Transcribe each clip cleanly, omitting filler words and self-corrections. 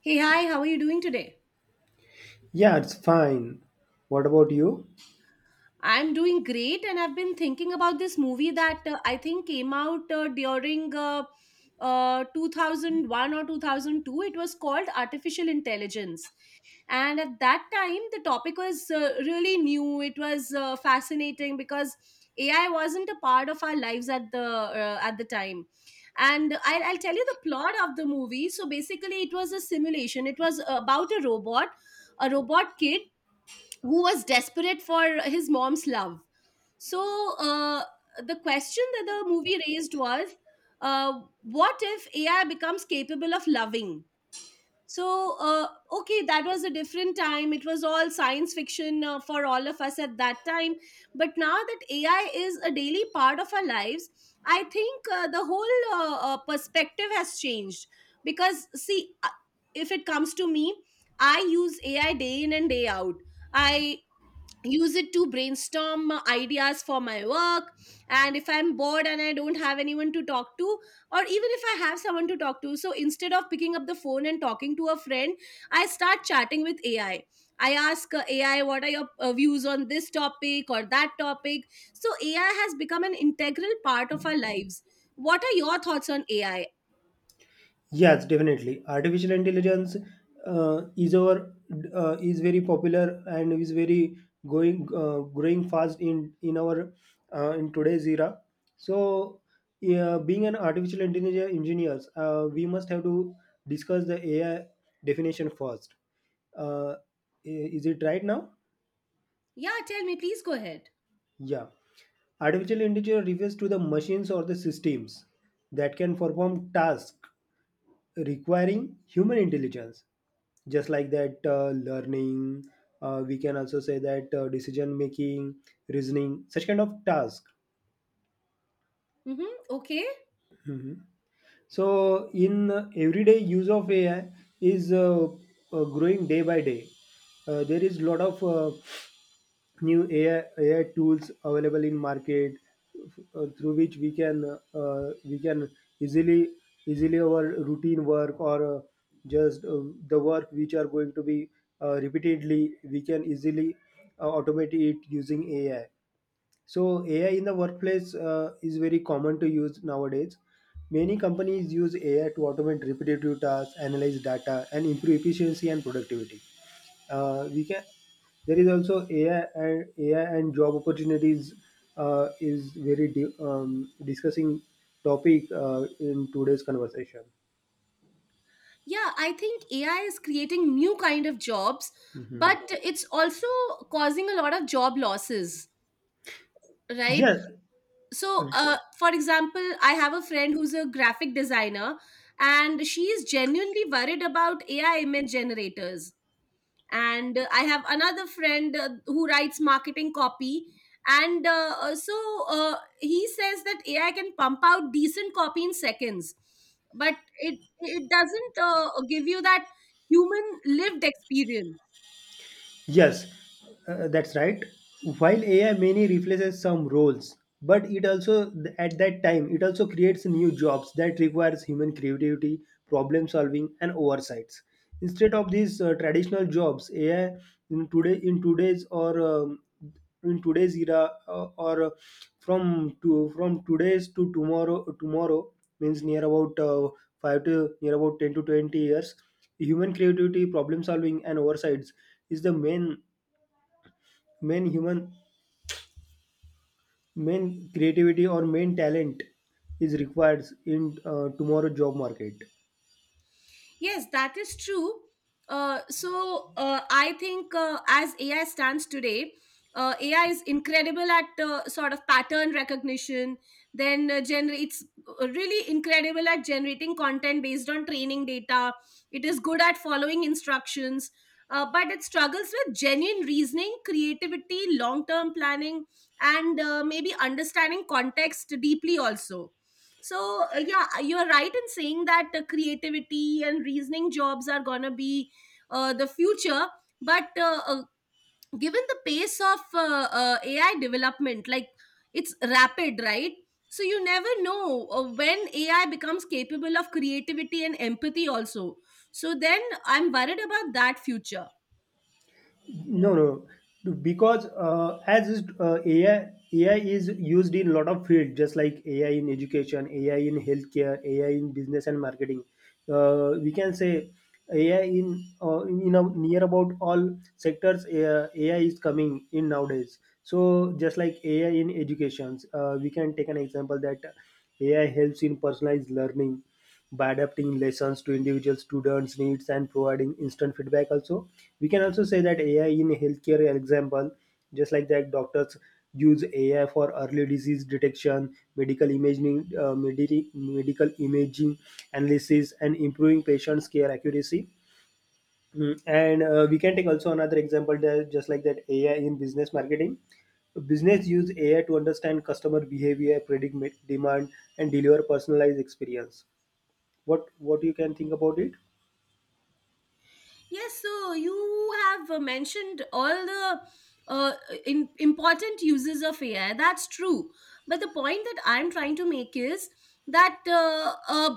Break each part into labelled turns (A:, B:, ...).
A: Hey, hi, how are you doing today?
B: Yeah, it's fine. What about you?
A: I'm doing great, and I've been thinking about this movie that I think came out during 2001 or 2002. It was called Artificial Intelligence. And at that time, the topic was really new. It was fascinating because AI wasn't a part of our lives at the time. And I'll tell you the plot of the movie. So basically, it was a simulation. It was about a robot kid who was desperate for his mom's love. So uh, the question that the movie raised was, what if AI becomes capable of loving? So okay, that was a different time. It was all science fiction for all of us at that time. But now that AI is a daily part of our lives, I think the whole perspective has changed. Because see, if it comes to me, I use AI day in and day out. I use it to brainstorm ideas for my work, and if I'm bored and I don't have anyone to talk to, or even if I have someone to talk to, so instead of picking up the phone and talking to a friend, I start chatting with AI. I ask AI, what are your views on this topic or that topic? So AI has become an integral part of our lives. What are your thoughts on AI?
B: Yes, definitely. Artificial intelligence uh, is our is very popular and is very going growing fast in our in today's era. So, yeah, being an artificial intelligence engineers, we must have to discuss the AI definition first. Uh, is it right now?
A: Yeah, tell me, please go ahead.
B: Yeah. Artificial intelligence refers to the machines or the systems that can perform tasks requiring human intelligence, just like that, learning, we can also say that, decision making, reasoning, such kind of task.
A: Mm-hmm. Okay.
B: Mhm. So, in everyday use of AI is, growing day by day. There is lot of new AI tools available in market, through which we can, we can easily easily our routine work, or just the work which are going to be, repeatedly we can easily automate it using AI. So AI in the workplace is very common to use nowadays. Many companies use AI to automate repetitive tasks, analyze data, and improve efficiency and productivity. We can. There is also AI and AI and job opportunities is very discussing topic in today's conversation.
A: Yeah, I think AI is creating new kind of jobs,
B: Mhm.
A: but it's also causing a lot of job losses, right?
B: Yeah.
A: So, for example, I have a friend who's a graphic designer, and she is genuinely worried about AI image generators, and I have another friend who writes marketing copy, and so he says that AI can pump out decent copy in seconds, but it doesn't give you that human lived experience.
B: Yes, that's right. While AI mainly replaces some roles, but it also, at that time, it also creates new jobs that requires human creativity, problem solving, and oversights. Instead of these traditional jobs, AI in today in today's or um, in today's era, or from today's to tomorrow, means near about, 5 to near about 10 to 20 years, human creativity, problem solving, and oversights is the main, main human, main creativity, or main talent is required in tomorrow job market.
A: Yes, that is true. So I think as AI stands today, AI is incredible at sort of pattern recognition. Then it's really incredible at generating content based on training data. It is good at following instructions, but it struggles with genuine reasoning, creativity, long term planning, and maybe understanding context deeply also. So, yeah, you are right in saying that creativity and reasoning jobs are going to be the future. But given the pace of AI development, like, it's rapid, right? So you never know when AI becomes capable of creativity and empathy, also. So then I'm worried about that future.
B: No, no, because as is, AI is used in lot of fields, just like AI in education, AI in healthcare, AI in business and marketing. We can say AI in near about all sectors. AI is coming in nowadays. So just like AI in educations, we can take an example that AI helps in personalized learning by adapting lessons to individual students needs and providing instant feedback. Also, we can also say that, AI in healthcare, example, just like that, doctors use AI for early disease detection, medical imaging, medical imaging analysis, and improving patients care accuracy. Mm, and We can take also another example there, just like that, AI in business marketing, business use AI to understand customer behavior, predict demand, and deliver personalized experience. What you can think about it?
A: Yes, so you have mentioned all the uh, important uses of AI. That's true. But the point that I'm trying to make is that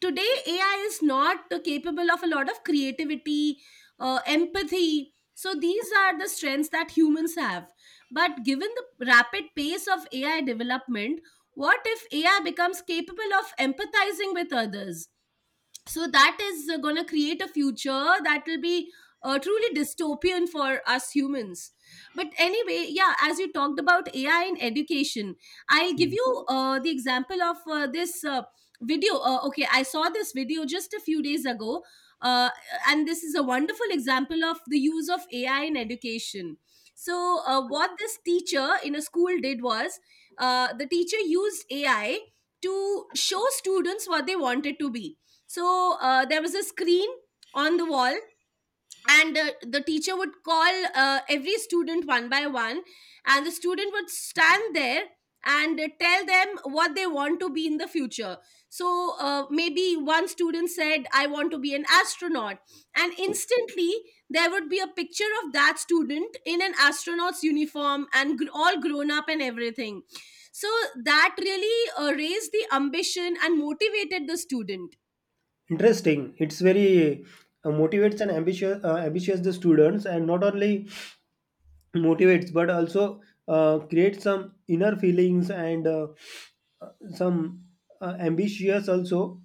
A: today AI is not capable of a lot of creativity, empathy. So these are the strengths that humans have. But given the rapid pace of AI development, what if AI becomes capable of empathizing with others? So that is going to create a future that will be truly dystopian for us humans. But anyway, yeah, as you talked about AI in education, I'll give
B: Hmm.
A: you the example of this video Okay, I saw this video just a few days ago, uh, and this is a wonderful example of the use of AI in education. So what this teacher in a school did was, the teacher used AI to show students what they wanted to be. So there was a screen on the wall, and the teacher would call every student one by one, and the student would stand there and tell them what they want to be in the future. So maybe one student said, I want to be an astronaut. And instantly, there would be a picture of that student in an astronaut's uniform and all grown up and everything. So that really raised the ambition and motivated the student.
B: Interesting. It's very motivates and ambitious the students, and not only motivates but also creates some inner feelings and, uh, some, ambitious also,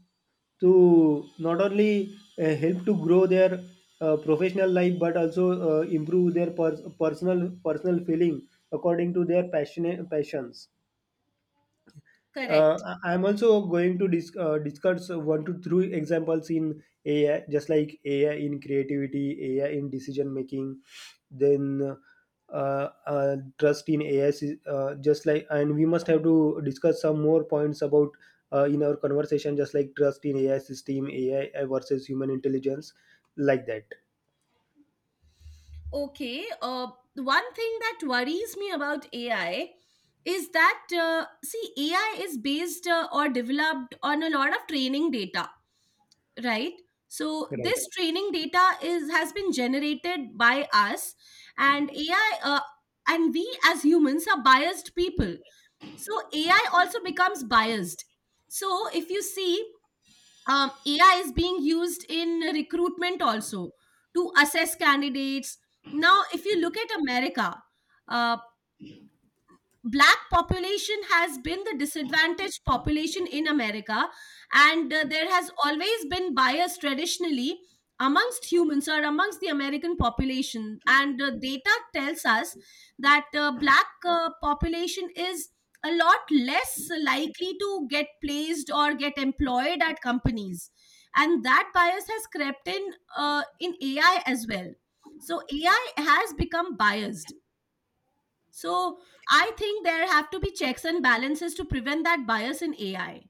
B: to not only help to grow their professional life but also improve their personal feeling according to their passionate passions.
A: Correct.
B: I'm also going to discuss one to three examples in AI, just like AI in creativity, AI in decision making, then, trust in AI. Just like, and we must have to discuss some more points about in our conversation, just like trust in AI system, AI versus human intelligence, like that.
A: Okay. One thing that worries me about AI is that, see, AI is based or developed on a lot of training data, right? So
B: Right.
A: this training data is has been generated by us, and AI, and we as humans are biased people. So AI also becomes biased. So if you see, AI is being used in recruitment also to assess candidates. Now, if you look at America, uh, black population has been the disadvantaged population in America, and there has always been bias traditionally amongst humans or amongst the American population, and data tells us that black population is a lot less likely to get placed or get employed at companies, and that bias has crept in AI as well. So AI has become biased. So I think there have to be checks and balances to prevent that bias in AI.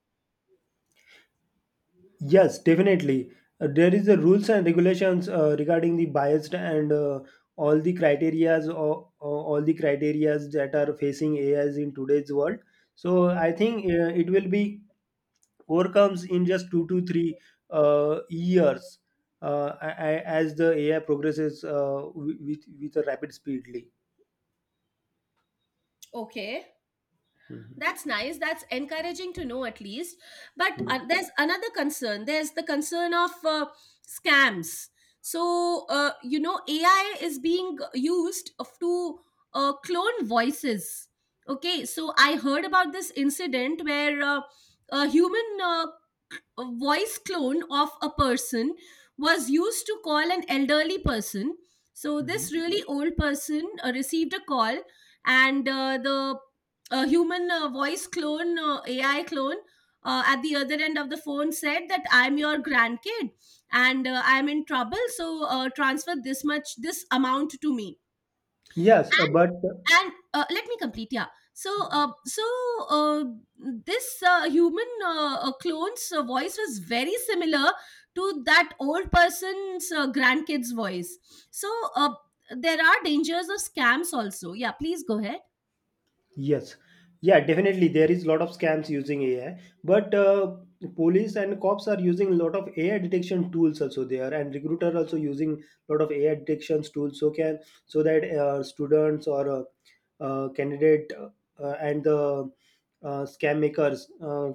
B: Yes, definitely. There is the rules and regulations regarding the biased and, all the criterias, or all the criterias that are facing AIs in today's world. So I think it will be overcomes in just two to three years, as the AI progresses, with a rapid speedly.
A: Okay,
B: Mhm.
A: that's nice. That's encouraging to know at least. But there's another concern. There's the concern of scams. So, you know, AI is being used to clone voices. Okay, so I heard about this incident where a human uh, a voice clone of a person was used to call an elderly person. So this
B: Mhm.
A: really old person received a call, and the human voice clone, AI clone, at the other end of the phone said that I'm your grandkid, and I'm in trouble, so transfer this much, this amount to me.
B: Yes, uh,
A: And
B: but uh,
A: let me complete, yeah. So uh, so uh, this human clone's voice was very similar to that old person's grandkid's voice. So uh, there are dangers of scams also. Yeah, please go ahead.
B: Yes, yeah, definitely. There is a lot of scams using AI, but police and cops are using a lot of AI detection tools also there, and recruiter also using a lot of AI detections tools, so that, students, or candidate, and the scam makers.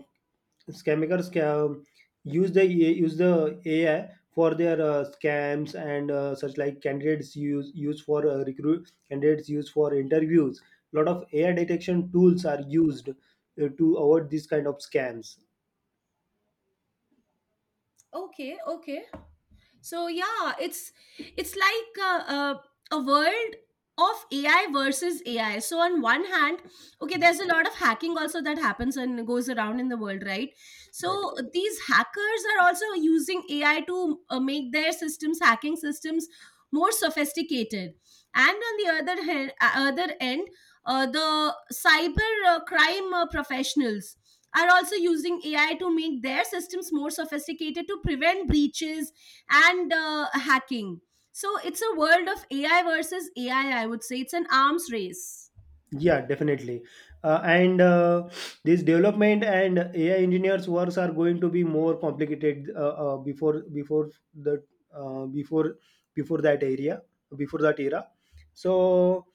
B: Scammers scam, use the AI for their scams, and such like candidates use for recruit, candidates use for interviews. A lot of AI detection tools are used to avoid these kind of scams.
A: Okay. Okay. So yeah, it's like a world of AI versus AI. So on one hand, okay,
B: Mm.
A: there's a lot of hacking also that happens and goes around in the world, right? So
B: Right.
A: these hackers are also using AI to make their systems, hacking systems, more sophisticated, and on the other hand, other end the cyber crime professionals are also using AI to make their systems more sophisticated to prevent breaches and hacking. So it's a world of AI versus AI, I would say. It's an arms race.
B: Yeah, definitely. And This development and AI engineers works are going to be more complicated, before the, uh, before before that area, before that era. So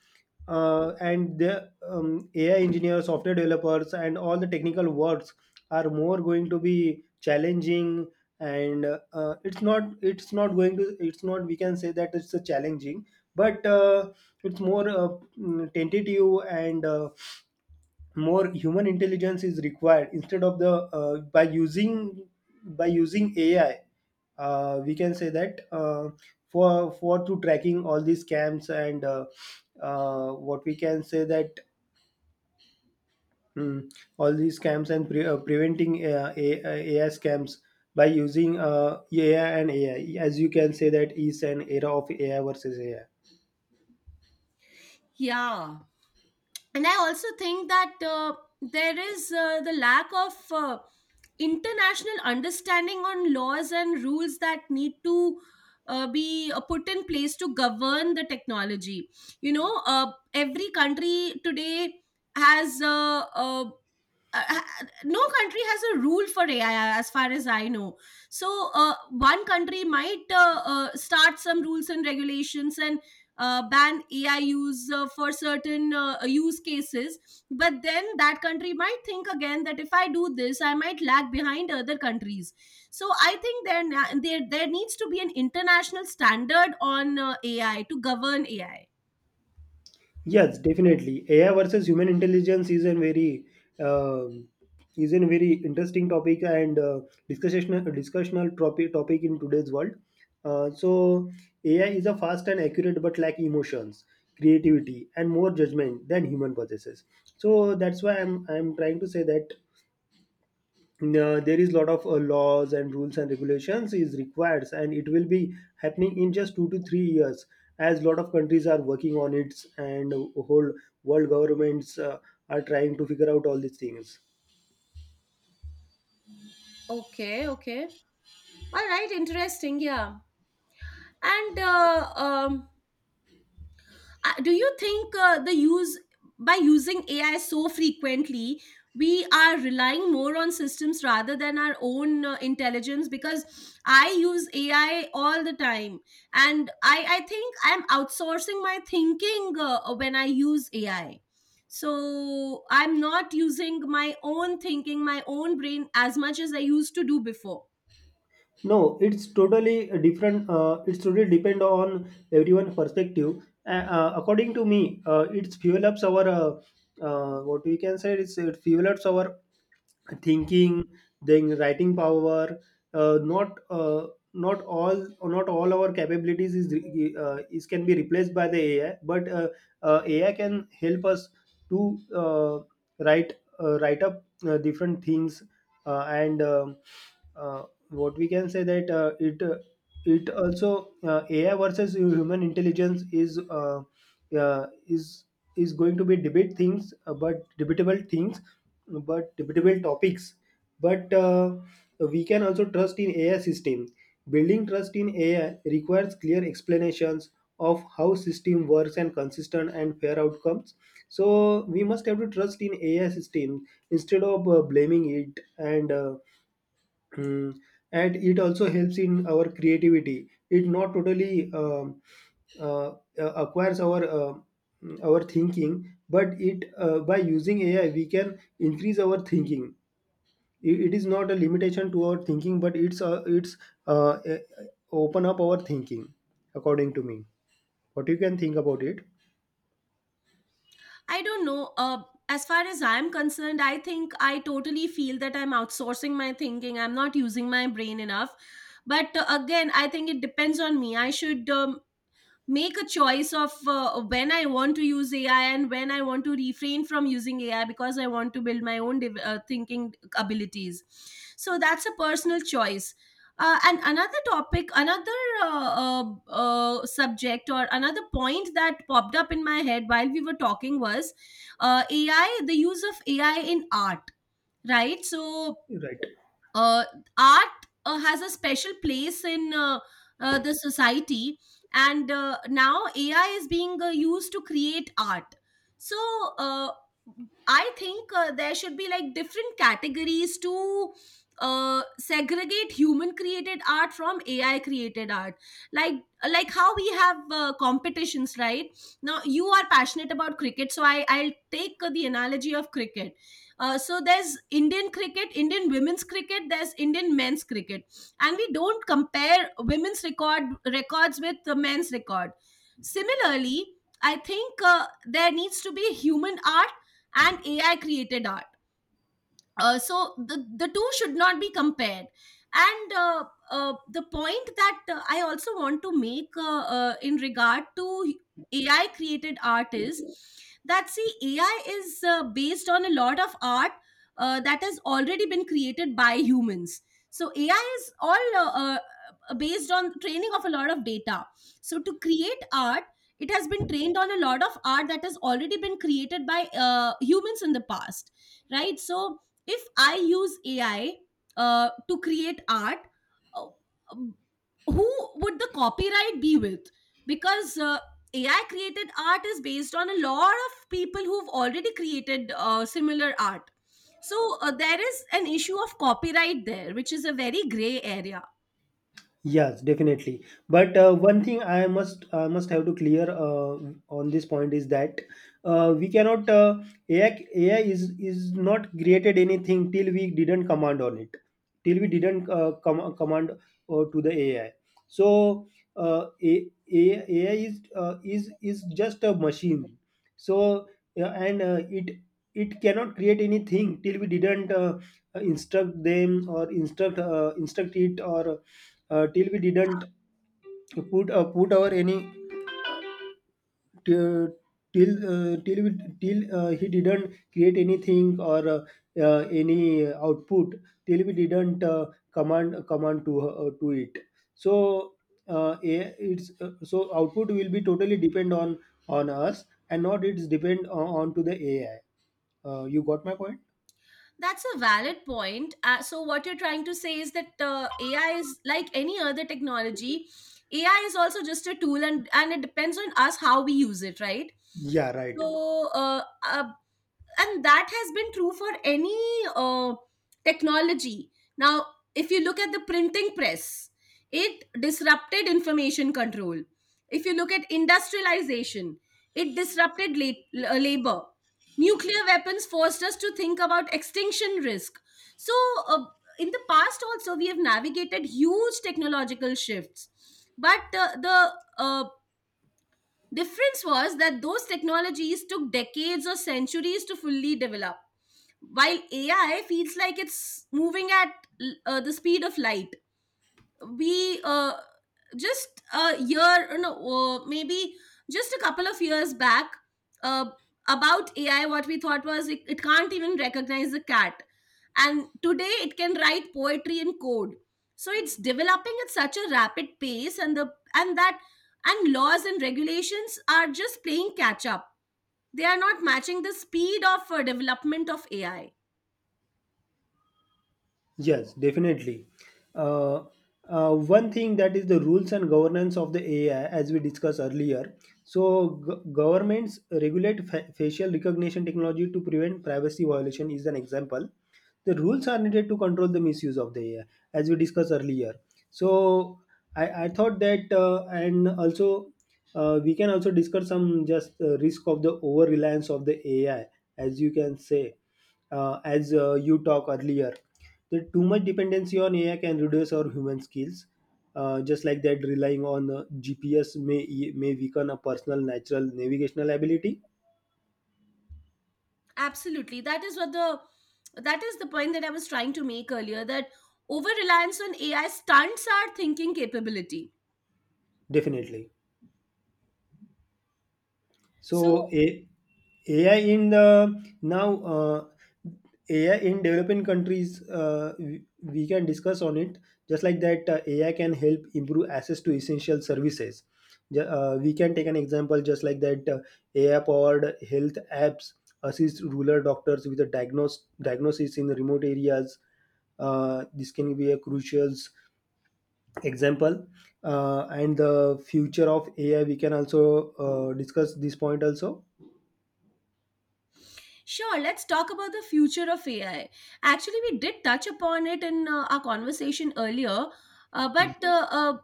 B: and the, AI engineers, software developers, and all the technical works are more going to be challenging. And, it's not, it's not. We can say that it's a challenging, but it's more, tentative, and more human intelligence is required instead of the, by using AI. We can say that, for to tracking all these scams and, what we can say that, hmm, all these scams and preventing, AI scams by using AI. And AI, as you can say, that is an era of AI versus AI.
A: Yeah. And I also think that there is the lack of international understanding on laws and rules that need to be put in place to govern the technology. You know, every country today has no country has a rule for AI as far as I know. So one country might start some rules and regulations and ban AI use for certain use cases, but then that country might think again that if I do this, I might lag behind other countries. So I think there na- there needs to be an international standard on AI to govern AI.
B: Yes, definitely. AI versus human intelligence is a very, um is a very interesting topic and, discussional topic in today's world. So AI is a fast and accurate but lack emotions, creativity, and more judgment than human possesses. So that's why I'm trying to say that there is a lot of laws and rules and regulations is required, and it will be happening in just 2 to 3 years, as a lot of countries are working on it, and whole world governments are trying to figure out all these things.
A: Okay, okay, all right, interesting, yeah, and do you think the use by using AI so frequently we are relying more on systems rather than our own intelligence, because I use AI all the time, and I think I'm outsourcing my thinking when I use AI. So I'm not using my own thinking, my own brain, as much as I used to do before.
B: No, it's totally different. It's totally depend on everyone perspective. According to me, it's fuel ups our, what we can say, is it fuel ups our thinking, then writing power. Uh, not uh, Not all our capabilities is, is can be replaced by the AI, but, AI can help us to, write up different things, and uh, what we can say that, it also, AI versus human intelligence is, uh, is is going to be debate things, but debatable things, but debatable topics. But we can also trust in AI system. Building trust in AI requires clear explanations of how system works and consistent and fair outcomes. So we must have to trust in AI system instead of blaming it, and, mm, and it also helps in our creativity. It not totally, uh, acquires our thinking, but it, by using AI we can increase our thinking. It is not a limitation to our thinking, but it's, uh, eh, eh, open up our thinking, according to me. What you can think about it?
A: I don't know. As far as I'm concerned, I think I totally feel that I'm outsourcing my thinking. I'm not using my brain enough. But again, I think it depends on me. I should make a choice of when I want to use AI and when I want to refrain from using AI, because I want to build my own thinking abilities. So that's a personal choice. And another topic, another uh, subject, or another point that popped up in my head while we were talking was AI, the use of AI in art, right? So
B: Right.
A: uh, art has a special place in the society, and now AI is being used to create art. So uh, I think there should be like different categories to segregate human created art from AI created art. like like how we have competitions. Right now you are passionate about cricket, so I'll take the analogy of cricket. So there's Indian cricket, Indian women's cricket, there's Indian men's cricket, and we don't compare women's record records with the men's record. Similarly, I think there needs to be human art and AI created art, so the two should not be compared. And the point that I also want to make, in regard to AI created art is that, see, AI is based on a lot of art that has already been created by humans. So AI is all based on training of a lot of data. So to create art, it has been trained on a lot of art that has already been created by humans in the past, right? So if I use AI to create art, uh, um, who would the copyright be with? Because AI created art is based on a lot of people who've already created similar art. So there is an issue of copyright there, which is a very gray area.
B: Yes, definitely. But one thing I must have to clear on this point is that, we cannot AI, AI is not created anything till we didn't command on it, till we didn't command to the AI. So AI, AI is, is just a machine. So yeah, and it it cannot create anything till we didn't, instruct them, or instruct, instruct it, or till we didn't put, put our any, till till he didn't create anything, or any output till we didn't command to it. So a- it's so output will be totally depend on us, and not it's depend on to the AI. You got my point?
A: That's a valid point. So, what you're trying to say is that AI is like any other technology. AI is also just a tool, and it depends on us how we use it, right?
B: Yeah, right.
A: So, uh, uh, and that has been true for any uh, technology. Now, if you look at the printing press, it disrupted information control. If you look at industrialization, it disrupted labor. Nuclear weapons forced us to think about extinction risk. So uh, in the past also we have navigated huge technological shifts, but the uh, difference was that those technologies took decades or centuries to fully develop, while AI feels like it's moving at the speed of light. We, just a year, no, maybe just a couple of years back, uh, about AI what we thought was, it can't even recognize a cat. And today it can write poetry in code. So it's developing at such a rapid pace, and laws and regulations are just playing catch up. They are not matching the speed of development of AI.
B: Yes, definitely. Uh, One thing that is the rules and governance of the AI, as we discussed earlier. So, governments regulate facial recognition technology to prevent privacy violation, is an example. The rules are needed to control the misuse of the AI, as we discussed earlier. So I thought that, and also we can also discuss some just risk of the over reliance of the AI, as you can say, as you talk earlier. The too much dependency on AI can reduce our human skills. Just like that, relying on GPS may weaken a personal natural navigational ability.
A: Absolutely. That is the point that I was trying to make earlier, that over reliance on AI stunts our thinking capability.
B: Definitely.
A: So,
B: So A- AI in the now, AI in developing countries, we can discuss on it. Just like that, AI can help improve access to essential services. We can take an example just like that. AI-powered health apps assist rural doctors with a diagnosis in remote areas. This can be a crucial example. And the future of AI, we can also discuss this point also.
A: sure, let's talk about the future of AI. Actually, we did touch upon it in our conversation earlier, uh,
B: Mm,
A: but uh, uh,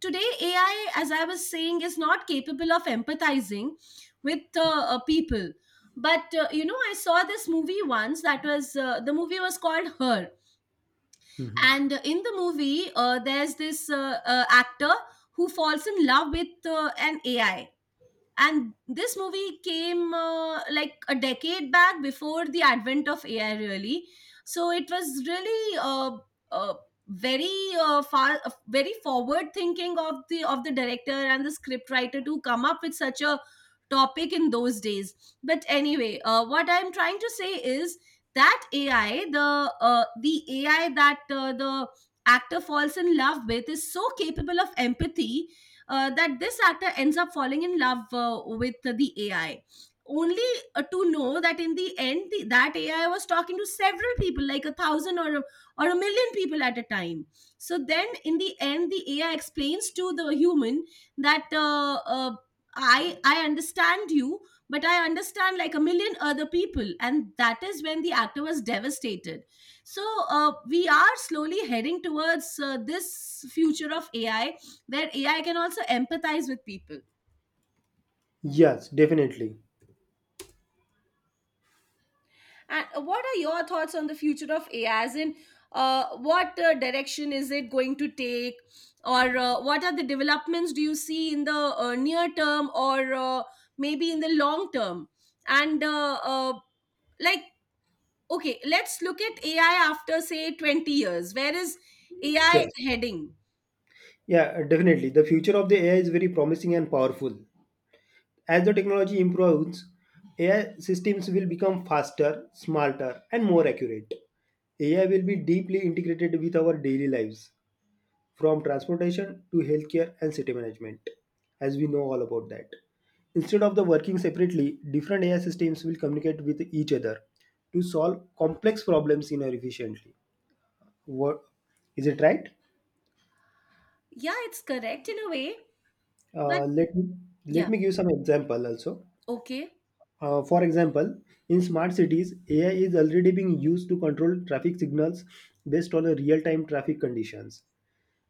A: today AI, as I was saying, is not capable of empathizing with people. But I saw this movie once that was the movie was called Her.
B: mhm.
A: And in the movie, there's this actor who falls in love with an AI, and this movie came like a decade back before the advent of AI, really. So it was really uh, very far very forward thinking of the director and the script writer to come up with such a topic in those days. But anyway, what I'm trying to say is that AI, the AI that the actor falls in love with is so capable of empathy, that this actor ends up falling in love with the AI. Only to know that in the end, that AI was talking to several people, like a thousand, or a million people at a time. So then, in the end, the AI explains to the human that I understand you, but I understand like a million other people, and that is when the actor was devastated. So we are slowly heading towards this future of AI where AI can also empathize with people.
B: Yes, definitely.
A: And what are your thoughts on the future of AI? As in, what direction is it going to take, or what are the developments do you see in the near term, or maybe in the long term? And like, okay, let's look at AI after, say, 20 years. Where is AI
B: Yes.
A: heading?
B: Yeah, definitely. The future of the AI is very promising and powerful. As the technology improves, AI systems will become faster, smarter, and more accurate. AI will be deeply integrated with our daily lives, from transportation to healthcare and city management, as we know all about that. Instead of the working separately, different AI systems will communicate with each other to solve complex problems in our efficiently. What is it right?
A: Yeah, it's correct in a way, but
B: Let let
A: yeah,
B: me give some example also.
A: okay.
B: For example, in smart cities, AI is already being used to control traffic signals based on the real-time traffic conditions.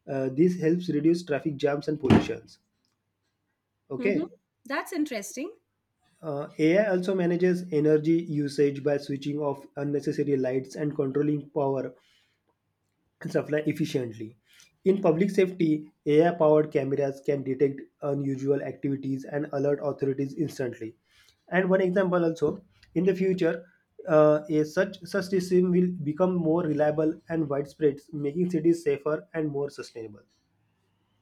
B: This helps reduce traffic jams and pollutions.
A: Hmm,
B: Okay.
A: that's interesting.
B: AI also manages energy usage by switching off unnecessary lights and controlling power and supply efficiently. In public safety, AI powered cameras can detect unusual activities and alert authorities instantly. And one example also, in the future, a such such system will become more reliable and widespread, making cities safer and more sustainable.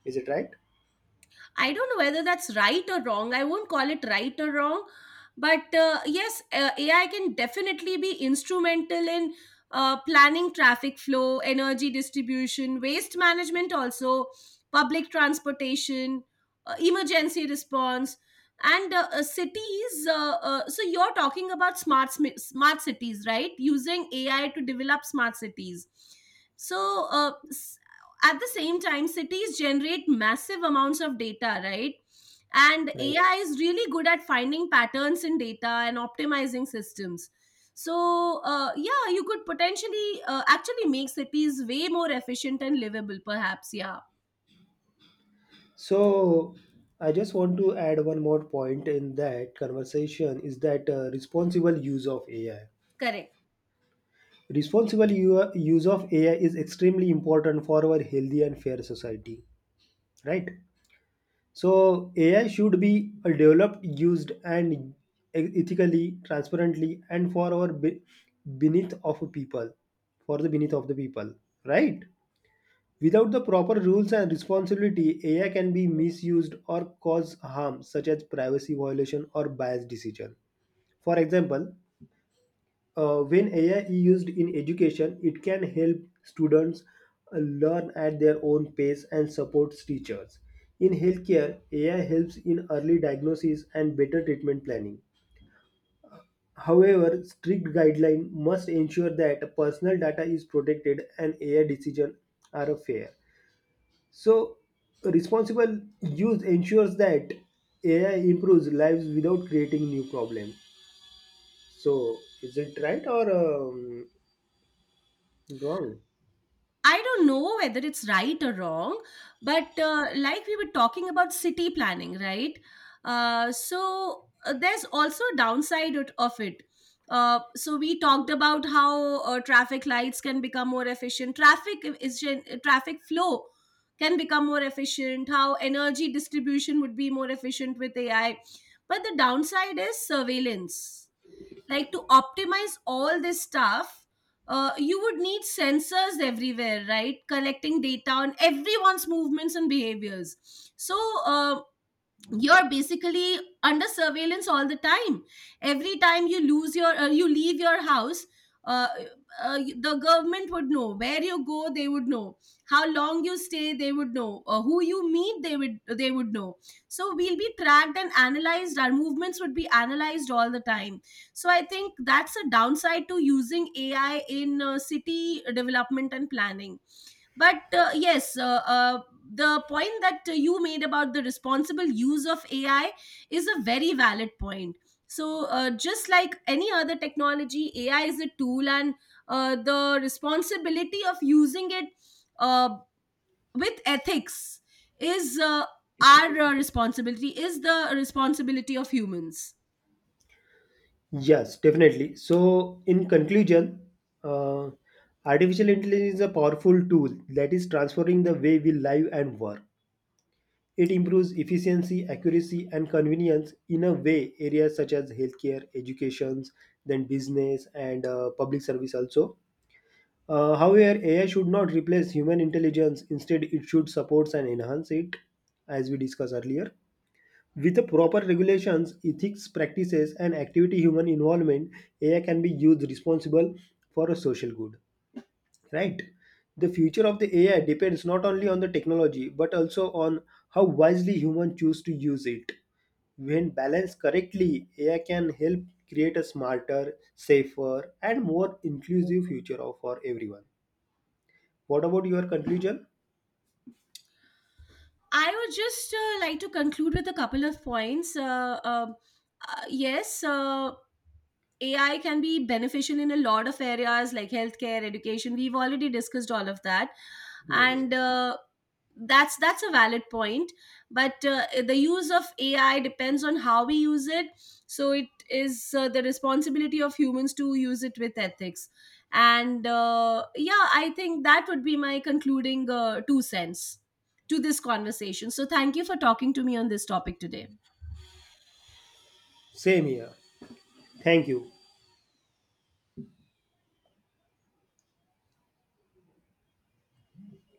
B: Is it right?
A: I don't know whether that's right or wrong. I won't call it right or wrong, but yes, AI can definitely be instrumental in planning traffic flow, energy distribution, waste management, also public transportation, emergency response, and cities. So you're talking about smart cities, right? Using AI to develop smart cities. So at the same time cities generate massive amounts of data, right? And
B: Right.
A: AI is really good at finding patterns in data and optimizing systems. So yeah, you could potentially actually make cities way more efficient and livable, perhaps, yeah.
B: So I just want to add one more point in that conversation, is that responsible use of AI.
A: Correct.
B: Responsible use of AI is extremely important for our healthy and fair society, right? So AI should be developed, used, and, ethically, transparently, and for our beneath of people, for the beneath of the people, right? Without the proper rules and responsibility, AI can be misused or cause harm, such as privacy violation or biased decision. For example, when AI is used in education, it can help students learn at their own pace and supports teachers. In healthcare, AI helps in early diagnosis and better treatment planning. However, strict guidelines must ensure that personal data is protected and AI decisions are fair. So, responsible use ensures that AI improves lives without creating new problems. So, is it right or, wrong?
A: I don't know whether it's right or wrong, but like we were talking about city planning, right? So there's also a downside of it. So we talked about how traffic lights can become more efficient. Traffic flow can become more efficient. How energy distribution would be more efficient with AI, but the downside is surveillance. Like, to optimize all this stuff, you would need sensors everywhere, right, collecting data on everyone's movements and behaviors. So uh, you're basically under surveillance all the time. Every time you lose your you leave your house, uh, the government would know where you go, they would know how long you stay, they would know who you meet, they would know. So we'll be tracked and analyzed, our movements would be analyzed all the time. So I think that's a downside to using AI in city development and planning. But yes, the point that you made about the responsible use of AI is a very valid point. So just like any other technology, AI is a tool, and the responsibility of using it uh, with ethics is our responsibility is the responsibility of humans.
B: Yes, definitely. So, in conclusion, uh, artificial intelligence is a powerful tool that is transforming the way we live and work. It improves efficiency, accuracy, and convenience in a way areas such as healthcare, education, then business, and public service also. However, AI should not replace human intelligence. Instead, it should support and enhance it, as we discussed earlier. With the proper regulations, ethics practices, and activity human involvement, AI can be used responsible for a social good. Right? The future of the AI depends not only on the technology but also on how wisely humans choose to use it. When balanced correctly, AI can help create a smarter, safer, and more inclusive future for everyone. What about your conclusion?
A: I would just like to conclude with a couple of points. Yes, AI can be beneficial in a lot of areas like healthcare, education. We've already discussed all of that,
B: Yes.
A: and that's a valid point. But the use of AI depends on how we use it. So it is the responsibility of humans to use it with ethics. And yeah, I think that would be my concluding two cents to this conversation. So, thank you for talking to me on this topic today.
B: Same here. Thank you.